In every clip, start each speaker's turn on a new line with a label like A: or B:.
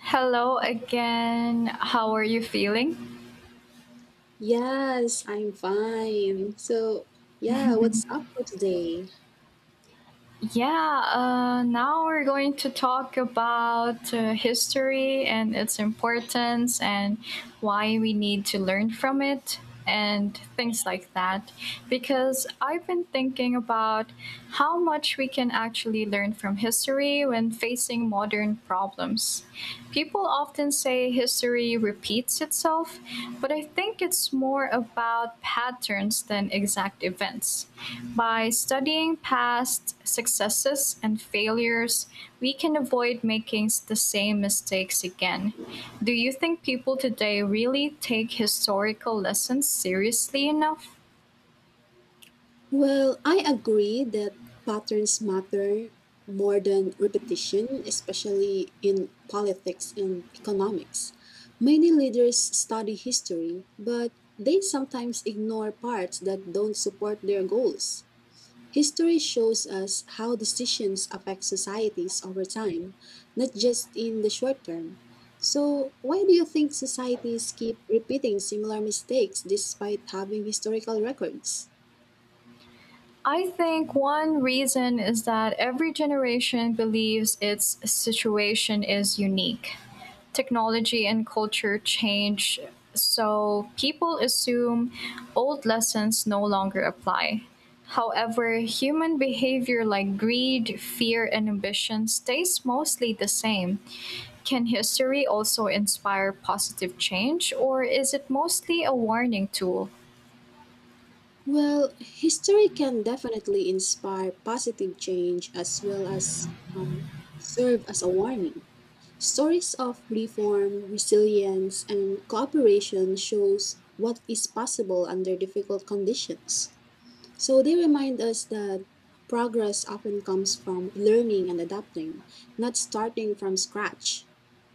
A: Hello again. How are you feeling?
B: Yes, I'm fine. So, yeah, what's up for today?
A: Yeah, Now we're going to talk about history and its importance and why we need to learn from it and things like that. Because I've been thinking about how much we can actually learn from history when facing modern problems. People often can say history repeats itself, but I think it's more about patterns than exact events. By studying past successes and failures, we can avoid making the same mistakes again. Do you think people today really take historical lessons seriously enough?
B: Well, I agree that patterns matter more than repetition, especially in politics and economics. Many leaders study history, but they sometimes ignore parts that don't support their goals. History shows us how decisions affect societies over time, not just in the short term. So, why do you think societies keep repeating similar mistakes despite having historical records?
A: I think one reason is that every generation believes its situation is unique. Technology and culture change, so people assume old lessons no longer apply. However, human behavior like greed, fear, and ambition stays mostly the same. Can history also inspire positive change, or is it mostly a warning tool?
B: Well, history can definitely inspire positive change as well as um, serve as a warning. Stories of reform, resilience, and cooperation shows what is possible under difficult conditions. So they remind us that progress often comes from learning and adapting, not starting from scratch.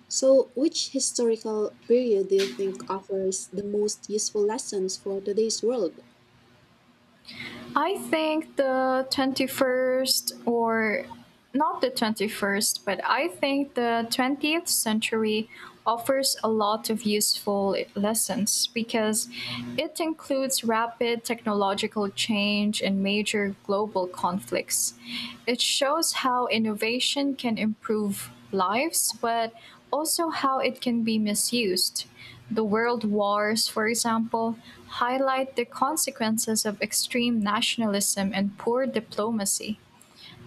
B: So, which historical period do you think offers the most useful lessons for today's world?
A: I think the 21st, or not the 21st, but I think the 20th century offers a lot of useful lessons because it includes rapid technological change and major global conflicts. It shows how innovation can improve lives, but also how it can be misused. The world wars, for example, highlight the consequences of extreme nationalism and poor diplomacy.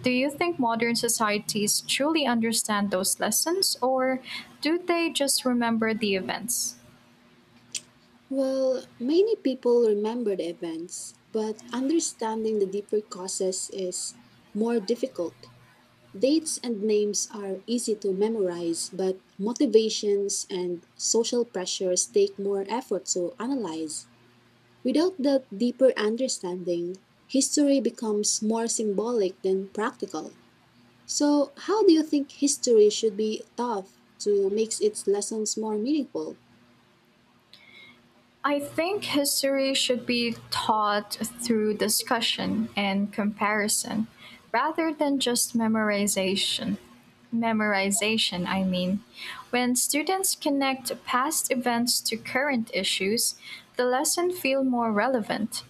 A: Do you think modern societies truly understand those lessons, or do they just remember the events?
B: Well, many people remember the events, but understanding the deeper causes is more difficult. Dates and names are easy to memorize, but motivations and social pressures take more effort to analyze. Without that deeper understanding, history becomes more symbolic than practical. So, how do you think history should be taught to make its lessons more meaningful?
A: I think history should be taught through discussion and comparison rather than just memorization. Memorization, I mean. When students connect past events to current issues, the lesson feel more relevant.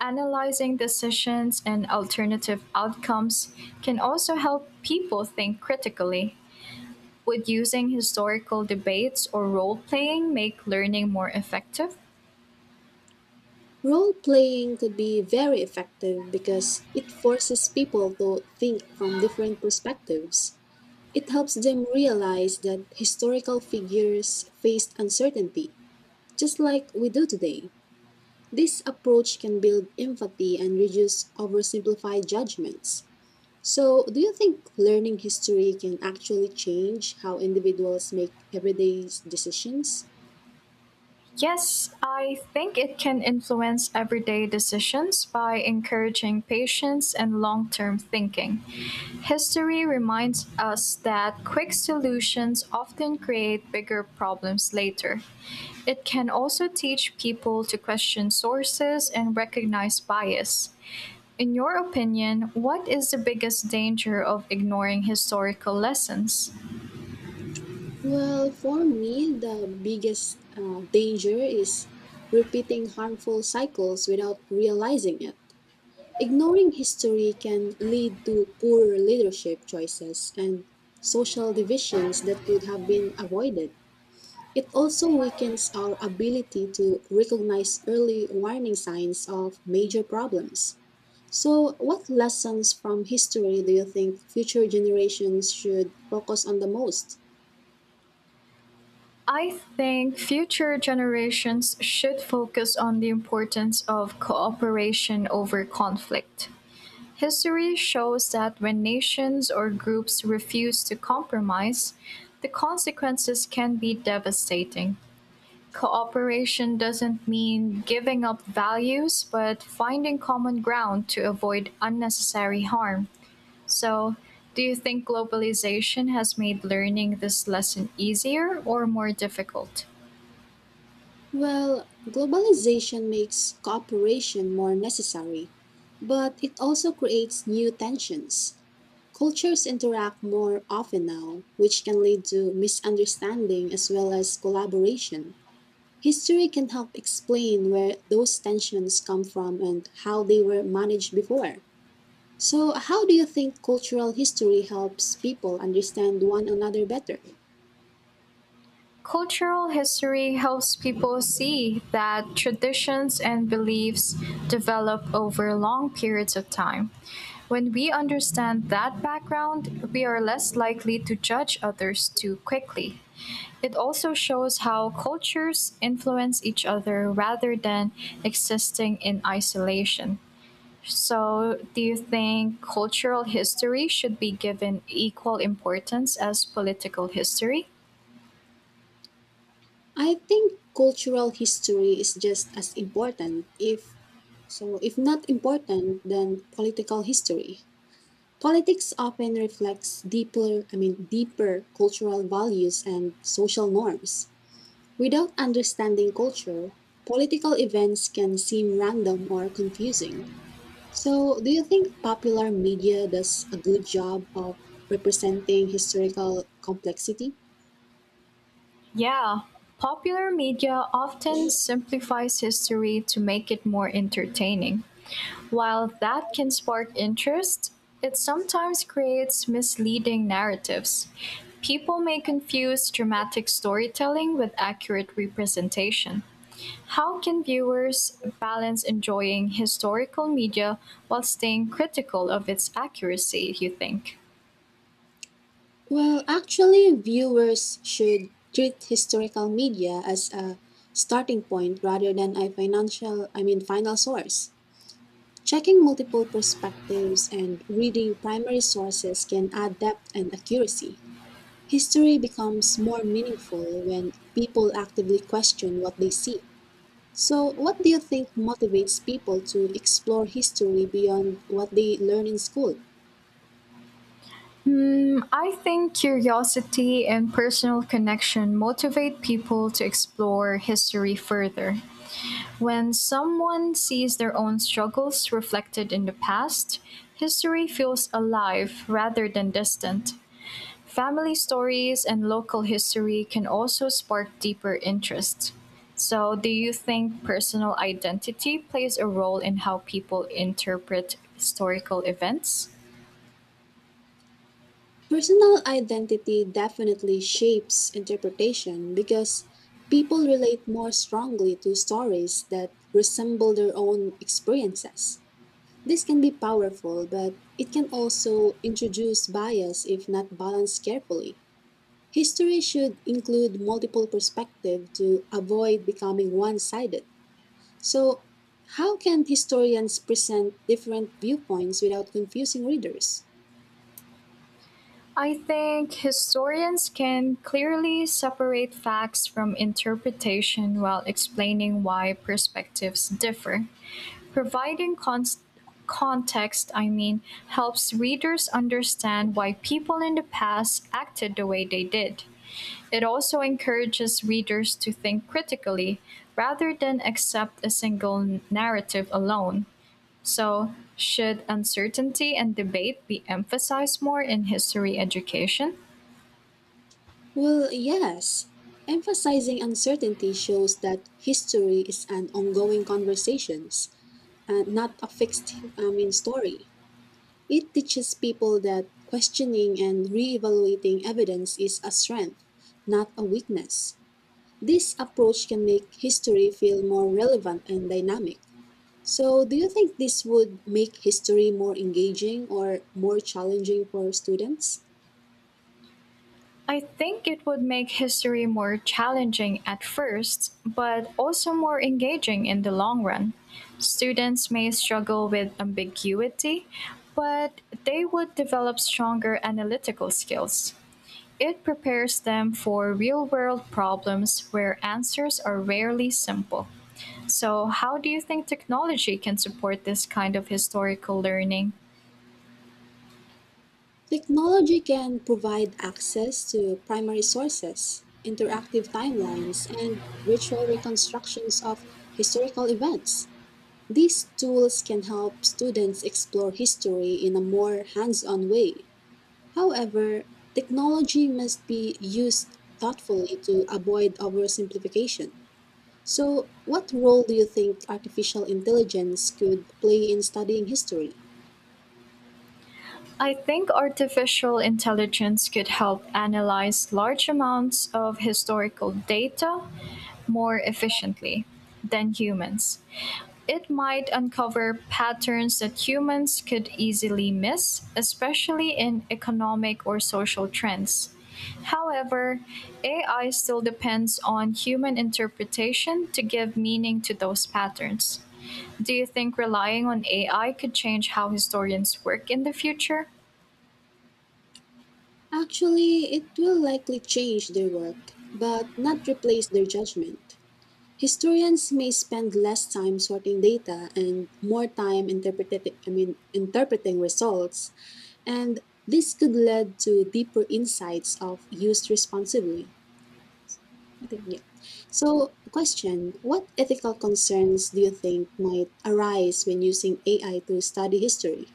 A: Analyzing decisions and alternative outcomes can also help people think critically. Would using historical debates or role playing make learning more effective?
B: Role playing could be very effective because it forces people to think from different perspectives. It helps them realize that historical figures faced uncertainty, just like we do today. This approach can build empathy and reduce oversimplified judgments. So, do you think learning history can actually change how individuals make everyday decisions?
A: Yes, I think it can influence everyday decisions by encouraging patience and long term thinking. History reminds us that quick solutions often create bigger problems later. It can also teach people to question sources and recognize bias. In your opinion, what is the biggest danger of ignoring historical lessons?
B: Well, for me, the biggest danger is repeating harmful cycles without realizing it. Ignoring history can lead to poor leadership choices and social divisions that could have been avoided. It also weakens our ability to recognize early warning signs of major problems. So, what lessons from history do you think future generations should focus on the most?
A: I think future generations should focus on the importance of cooperation over conflict. History shows that when nations or groups refuse to compromise, the consequences can be devastating. Cooperation doesn't mean giving up values, but finding common ground to avoid unnecessary harm. So, do you think globalization has made learning this lesson easier or more difficult?
B: Well, globalization makes cooperation more necessary, but it also creates new tensions. Cultures interact more often now, which can lead to misunderstanding as well as collaboration. History can help explain where those tensions come from and how they were managed before. So, how do you think cultural history helps people understand one another better?
A: Cultural history helps people see that traditions and beliefs develop over long periods of time. When we understand that background, we are less likely to judge others too quickly. It also shows how cultures influence each other rather than existing in isolation. So, do you think cultural history should be given equal importance as political history?
B: I think cultural history is just as important, if so, if not important, than political history. Politics often reflects deeper, deeper cultural values and social norms. Without understanding culture, political events can seem random or confusing. So, do you think popular media does a good job of representing historical complexity?
A: Yeah, popular media often simplifies history to make it more entertaining. While that can spark interest, it sometimes creates misleading narratives. People may confuse dramatic storytelling with accurate representation. How can viewers balance enjoying historical media while staying critical of its accuracy, you think?
B: Well, actually, viewers should treat historical media as a starting point rather than a financial, final source. Checking multiple perspectives and reading primary sources can add depth and accuracy. History becomes more meaningful when people actively question what they see. So, what do you think motivates people to explore history beyond what they learn in school?
A: Hmm, I think curiosity and personal connection motivate people to explore history further. When someone sees their own struggles reflected in the past, history feels alive rather than distant. Family stories and local history can also spark deeper interest. So, do you think personal identity plays a role in how people interpret historical events?
B: Personal identity definitely shapes interpretation because people relate more strongly to stories that resemble their own experiences. This can be powerful, but it can also introduce bias if not balanced carefully. History should include multiple perspectives to avoid becoming one sided. So, how can historians present different viewpoints without confusing readers?
A: I think historians can clearly separate facts from interpretation while explaining why perspectives differ. Providing context, I mean, helps readers understand why people in the past acted the way they did. It also encourages readers to think critically rather than accept a single narrative alone. So, should uncertainty and debate be emphasized more in history education?
B: Well, yes. Emphasizing uncertainty shows that history is an ongoing conversation, not a fixed story. It teaches people that questioning and re-evaluating evidence is a strength, not a weakness. This approach can make history feel more relevant and dynamic. So, do you think this would make history more engaging or more challenging for students?
A: I think it would make history more challenging at first, but also more engaging in the long run. Students may struggle with ambiguity, but they would develop stronger analytical skills. It prepares them for real-world problems where answers are rarely simple. So, how do you think technology can support this kind of historical learning?
B: Technology can provide access to primary sources, interactive timelines, and virtual reconstructions of historical events. These tools can help students explore history in a more hands on way. However, technology must be used thoughtfully to avoid oversimplification. So, what role do you think artificial intelligence could play in studying history?
A: I think artificial intelligence could help analyze large amounts of historical data more efficiently than humans. It might uncover patterns that humans could easily miss, especially in economic or social trends. However, AI still depends on human interpretation to give meaning to those patterns. Do you think relying on AI could change how historians work in the future?
B: Actually, it will likely change their work, but not replace their judgment. Historians may spend less time sorting data and more time interpreting, interpreting results, and this could lead to deeper insights of used responsibly. I think, yeah. So, question, what ethical concerns do you think might arise when using AI to study history?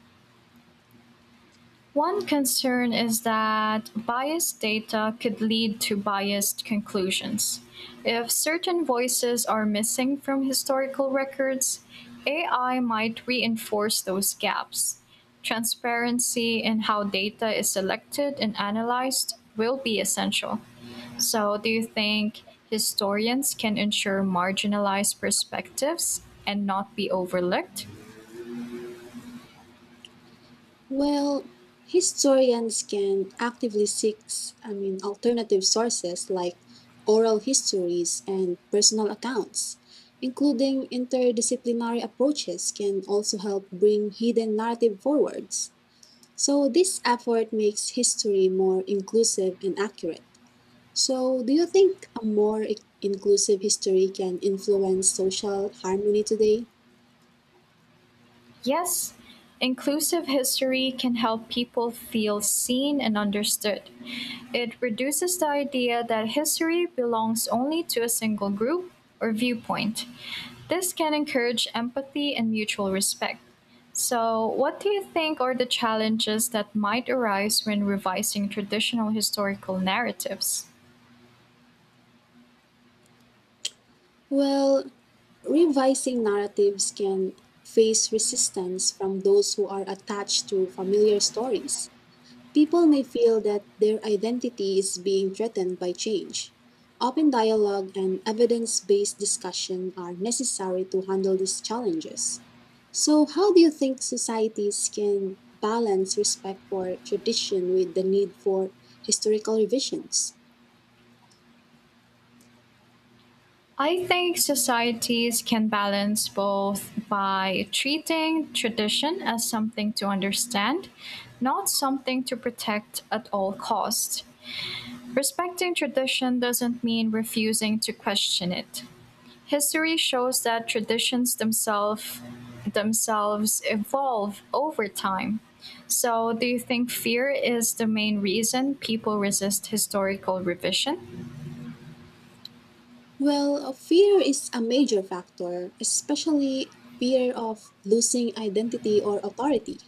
A: One concern is that biased data could lead to biased conclusions. If certain voices are missing from historical records, AI might reinforce those gaps. Transparency in how data is selected and analyzed will be essential. So, do you think historians can ensure marginalized perspectives and not be overlooked?
B: Well, historians can actively seek, alternative sources like oral histories and personal accounts. Including interdisciplinary approaches can also help bring hidden narrative forwards. So this effort makes history more inclusive and accurate. So do you think a more inclusive history can influence social harmony today?
A: Yes, inclusive history can help people feel seen and understood. It reduces the idea that history belongs only to a single group or viewpoint. This can encourage empathy and mutual respect. So, what do you think are the challenges that might arise when revising traditional historical narratives?
B: Well, revising narratives can face resistance from those who are attached to familiar stories. People may feel that their identity is being threatened by change. Open dialogue and evidence based discussion are necessary to handle these challenges. So, how do you think societies can balance respect for tradition with the need for historical revisions?
A: I think societies can balance both by treating tradition as something to understand, not something to protect at all costs. Respecting tradition doesn't mean refusing to question it. History shows that traditions themselves evolve over time. So, do you think fear is the main reason people resist historical revision?
B: Well, fear is a major factor, especially fear of losing identity or authority.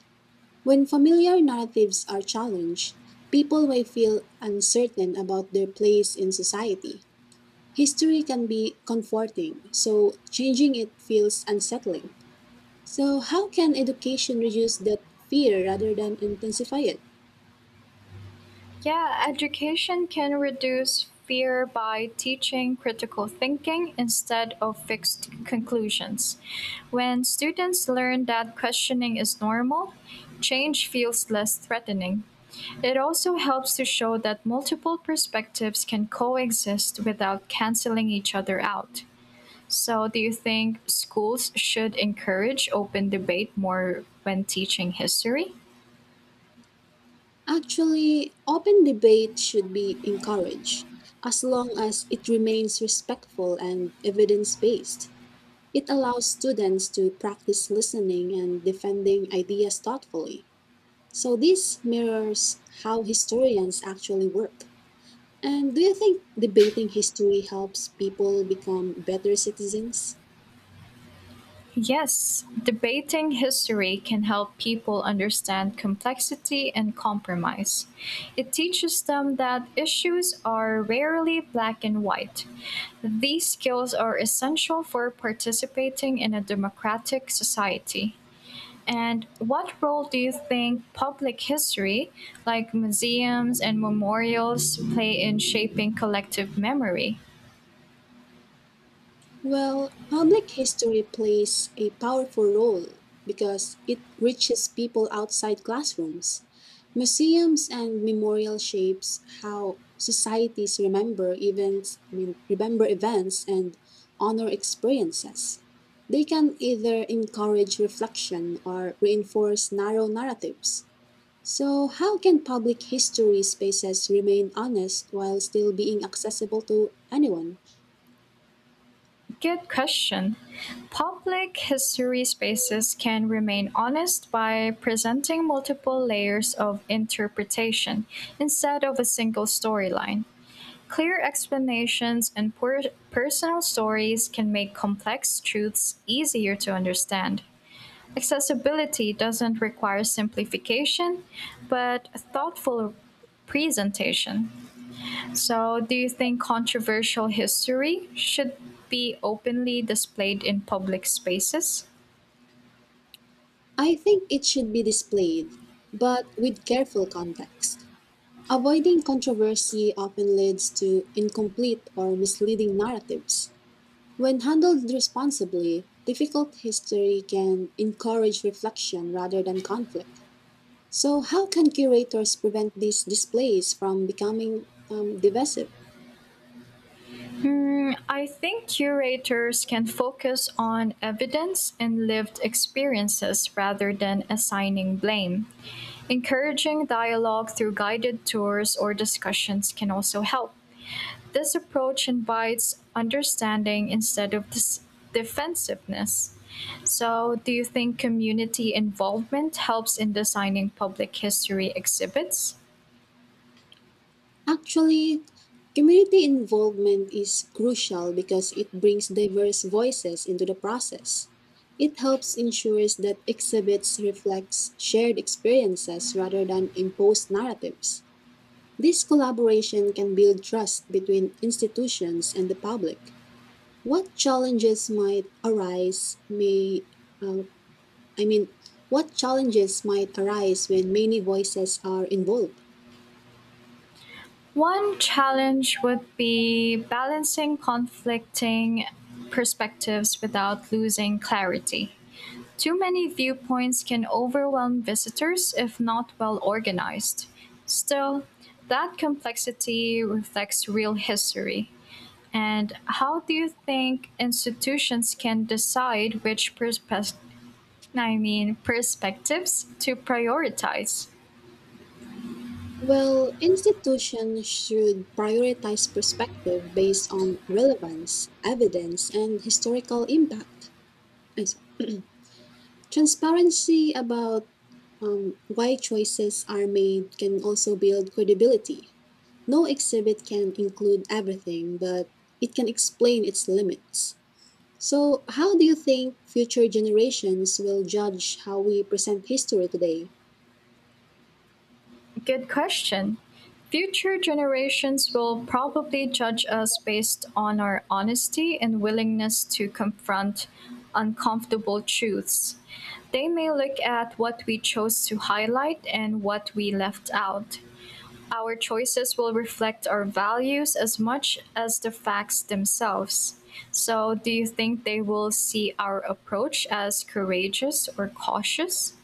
B: When familiar narratives are challenged, people may feel uncertain about their place in society. History can be comforting, so changing it feels unsettling. So, how can education reduce that fear rather than intensify it?
A: Yeah, education can reduce fear by teaching critical thinking instead of fixed conclusions. When students learn that questioning is normal, change feels less threatening. It also helps to show that multiple perspectives can coexist without canceling each other out. So, do you think schools should encourage open debate more when teaching history?
B: Actually, open debate should be encouraged as long as it remains respectful and evidence based. It allows students to practice listening and defending ideas thoughtfully. So, this mirrors how historians actually work. And do you think debating history helps people become better citizens?
A: Yes, debating history can help people understand complexity and compromise. It teaches them that issues are rarely black and white. These skills are essential for participating in a democratic society. And what role do you think public history, like museums and memorials, play in shaping collective memory?
B: Well, public history plays a powerful role because it reaches people outside classrooms. Museums and memorial shapes how societies remember events, remember events and honor experiences. They can either encourage reflection or reinforce narrow narratives. So, how can public history spaces remain honest while still being accessible to anyone?
A: Good question. Public history spaces can remain honest by presenting multiple layers of interpretation instead of a single storyline. Clear explanations and personal stories can make complex truths easier to understand. Accessibility doesn't require simplification, but thoughtful presentation. So, do you think controversial history should be openly displayed in public spaces?
B: I think it should be displayed, but with careful context. Avoiding controversy often leads to incomplete or misleading narratives. When handled responsibly, difficult history can encourage reflection rather than conflict. So, how can curators prevent these displays from becoming divisive?
A: Hmm, I think curators can focus on evidence and lived experiences rather than assigning blame. Encouraging dialogue through guided tours or discussions can also help. This approach invites understanding instead of defensiveness. So, do you think community involvement helps in designing public history exhibits?
B: Actually, community involvement is crucial because it brings diverse voices into the process. It helps ensures that exhibits reflects shared experiences rather than imposed narratives. This collaboration can build trust between institutions and the public. What challenges might arise may uh, I mean what challenges might arise when many voices are involved?
A: One challenge would be balancing conflicting perspectives without losing clarity. Too many viewpoints can overwhelm visitors if not well organized. Still, that complexity reflects real history. And how do you think institutions can decide which perspectives to prioritize?
B: Well, institutions should prioritize perspective based on relevance, evidence, and historical impact. Ay, sorry. Transparency about why choices are made can also build credibility. No exhibit can include everything, but it can explain its limits. So, how do you think future generations will judge how we present history today?
A: Good question. Future generations will probably judge us based on our honesty and willingness to confront uncomfortable truths. They may look at what we chose to highlight and what we left out. Our choices will reflect our values as much as the facts themselves. So, do you think they will see our approach as courageous or cautious?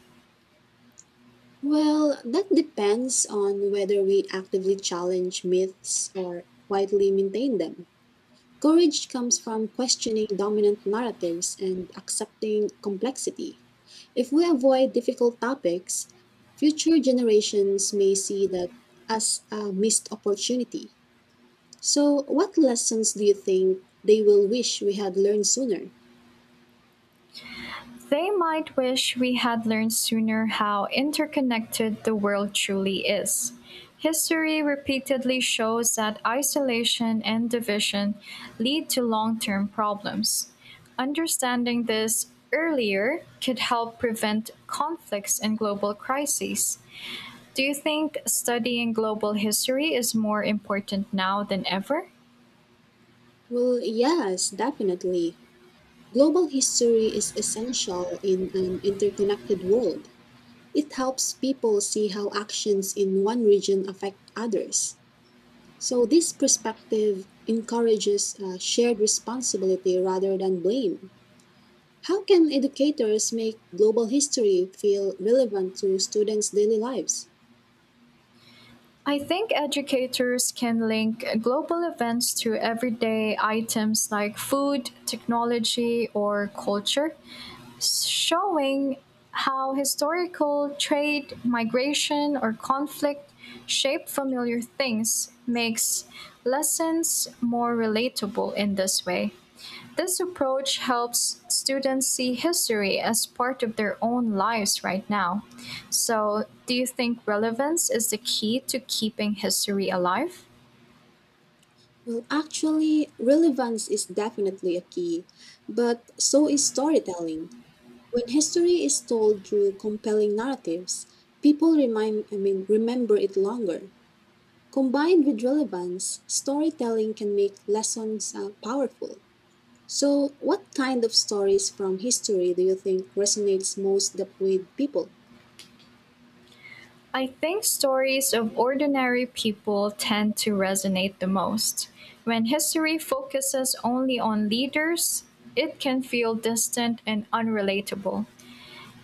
B: Well, that depends on whether we actively challenge myths or quietly maintain them. Courage comes from questioning dominant narratives and accepting complexity. If we avoid difficult topics, future generations may see that as a missed opportunity. So, what lessons do you think they will wish we had learned sooner?
A: They might wish we had learned sooner how interconnected the world truly is. History repeatedly shows that isolation and division lead to long term problems. Understanding this earlier could help prevent conflicts and global crises. Do you think studying global history is more important now than ever?
B: Well, yes, definitely. Global history is essential in an interconnected world. It helps people see how actions in one region affect others. So, this perspective encourages shared responsibility rather than blame. How can educators make global history feel relevant to students' daily lives?
A: I think educators can link global events to everyday items like food, technology, or culture, showing how historical trade, migration, or conflict shape familiar things makes lessons more relatable in this way. This approach helps students see history as part of their own lives right now. So, do you think relevance is the key to keeping history alive?
B: Well, actually, relevance is definitely a key, but so is storytelling. When history is told through compelling narratives, people remind, remember it longer. Combined with relevance, storytelling can make lessons powerful. So, what kind of stories from history do you think resonates with people?
A: I think stories of ordinary people tend to resonate the most. When history focuses only on leaders, it can feel distant and unrelatable.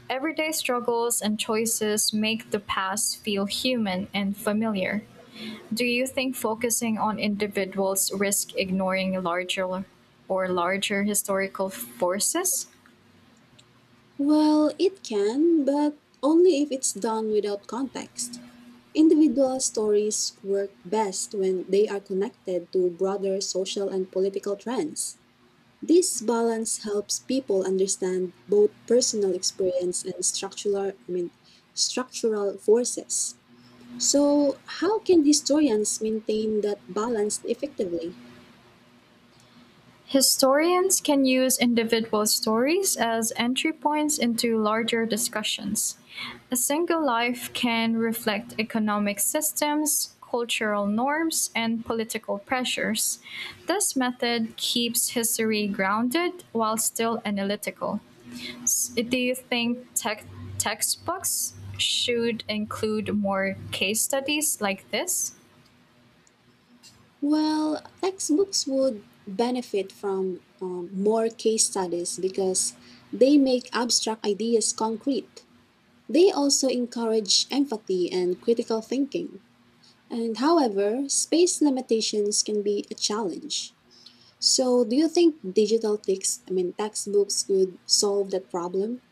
A: Everyday struggles and choices make the past feel human and familiar. Do you think focusing on individuals risk ignoring larger historical forces?
B: Well, it can, but only if it's done without context. Individual stories work best when they are connected to broader social and political trends. This balance helps people understand both personal experience and structural, structural forces. So, how can historians maintain that balance effectively?
A: Historians can use individual stories as entry points into larger discussions. A single life can reflect economic systems, cultural norms, and political pressures. This method keeps history grounded while still analytical. Do you think tech textbooks should include more case studies like this?
B: Well, textbooks would benefit from more case studies because they make abstract ideas concrete. They also encourage empathy and critical thinking. And however, space limitations can be a challenge. So, do you think digital text, textbooks could solve that problem?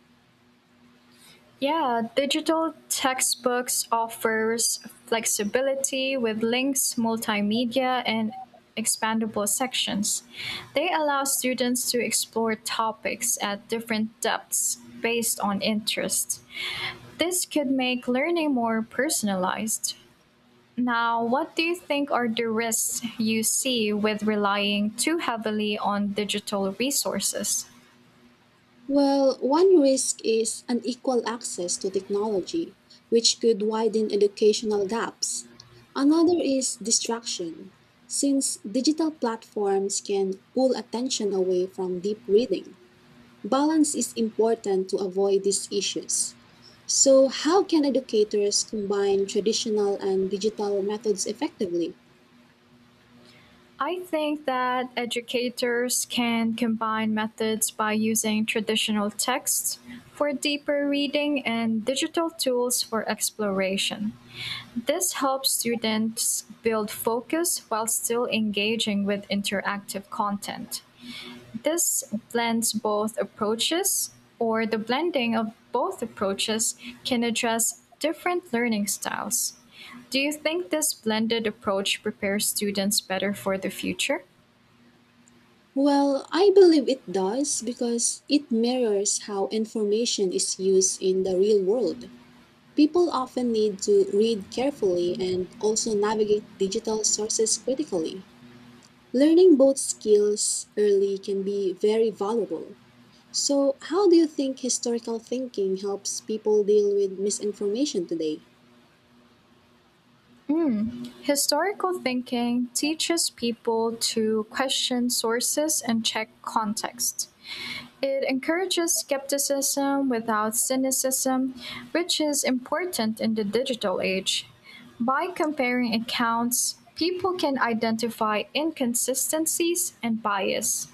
A: Yeah, digital textbooks offers flexibility with links, multimedia and expandable sections. They allow students to explore topics at different depths based on interest. This could make learning more personalized. Now, what do you think are the risks you see with relying too heavily on digital resources?
B: Well, one risk is unequal access to technology, which could widen educational gaps. Another is distraction, since digital platforms can pull attention away from deep reading. Balance is important to avoid these issues. So, how can educators combine traditional and digital methods effectively?
A: I think that educators can combine methods by using traditional texts for deeper reading and digital tools for exploration. This helps students build focus while still engaging with interactive content. This blends both approaches, or the blending of both approaches can address different learning styles. Do you think this blended approach prepares students better for the future?
B: Well, I believe it does because it mirrors how information is used in the real world. People often need to read carefully and also navigate digital sources critically. Learning both skills early can be very valuable. So, how do you think historical thinking helps people deal with misinformation today?
A: Mm. Historical thinking teaches people to question sources and check context. It encourages skepticism without cynicism, which is important in the digital age. By comparing accounts, people can identify inconsistencies and bias.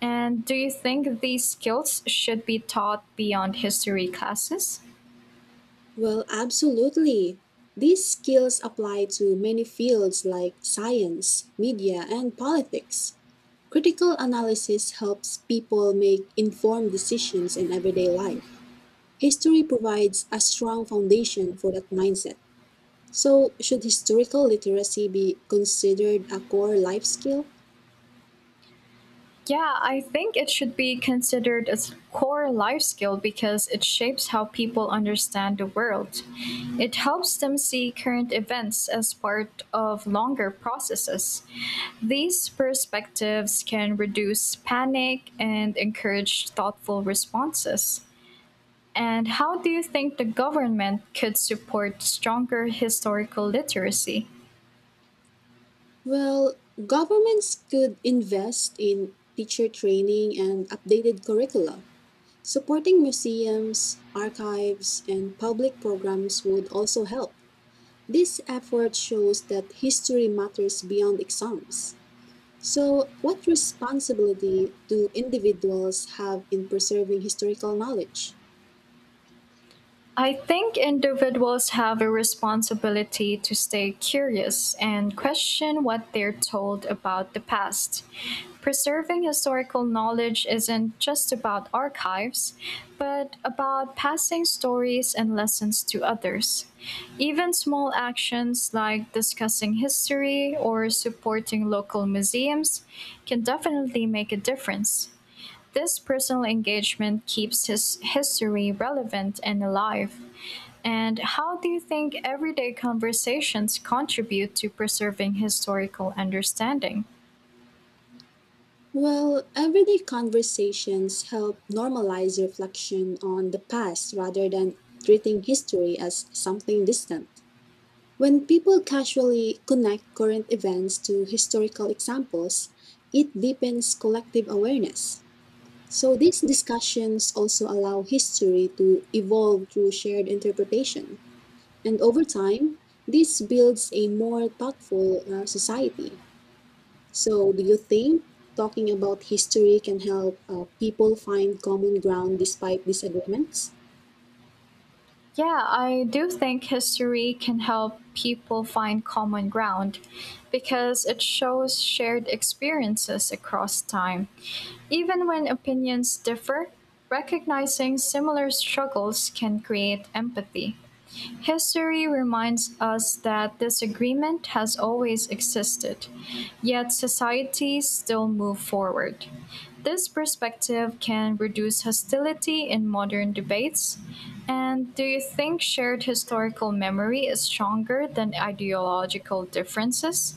A: And do you think these skills should be taught beyond history classes?
B: Well, absolutely. These skills apply to many fields like science, media, and politics. Critical analysis helps people make informed decisions in everyday life. History provides a strong foundation for that mindset. So, should historical literacy be considered a core life skill?
A: Yeah, I think it should be considered a core life skill because it shapes how people understand the world. It helps them see current events as part of longer processes. These perspectives can reduce panic and encourage thoughtful responses. And how do you think the government could support stronger historical literacy?
B: Well, governments could invest in teacher training and updated curricula. Supporting museums, archives, and public programs would also help. This effort shows that history matters beyond exams. So, what responsibility do individuals have in preserving historical knowledge?
A: I think individuals have a responsibility to stay curious and question what they're told about the past. Preserving historical knowledge isn't just about archives, but about passing stories and lessons to others. Even small actions like discussing history or supporting local museums can definitely make a difference. This personal engagement keeps his history relevant and alive. And how do you think everyday conversations contribute to preserving historical understanding?
B: Well, everyday conversations help normalize reflection on the past rather than treating history as something distant. When people casually connect current events to historical examples, it deepens collective awareness. So, these discussions also allow history to evolve through shared interpretation. And over time, this builds a more thoughtful society. So, do you think talking about history can help people find common ground despite disagreements?
A: Yeah, I do think history can help people find common ground because it shows shared experiences across time. Even when opinions differ, recognizing similar struggles can create empathy. History reminds us that disagreement has always existed, yet societies still move forward. This perspective can reduce hostility in modern debates. And do you think shared historical memory is stronger than ideological differences?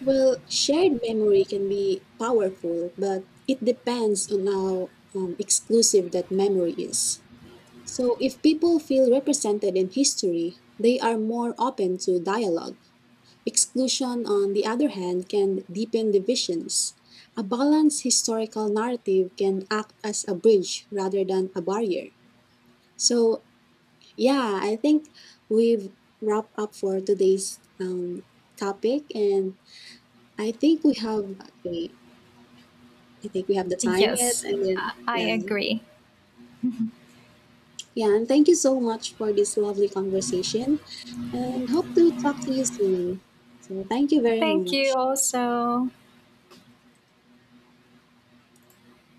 B: Well, shared memory can be powerful, but it depends on how exclusive that memory is. So, if people feel represented in history, they are more open to dialogue. Exclusion, on the other hand, can deepen divisions. A balanced historical narrative can act as a bridge rather than a barrier. So, yeah, I think we've wrapped up for today's topic, and I think we have a, I think we have the time yet,
A: Yes,
B: and
A: I
B: then
A: I
B: yeah,
A: agree.
B: yeah, and thank you so much for this lovely conversation, and hope to talk to you soon. So thank you very
A: Thank you
B: much.
A: also.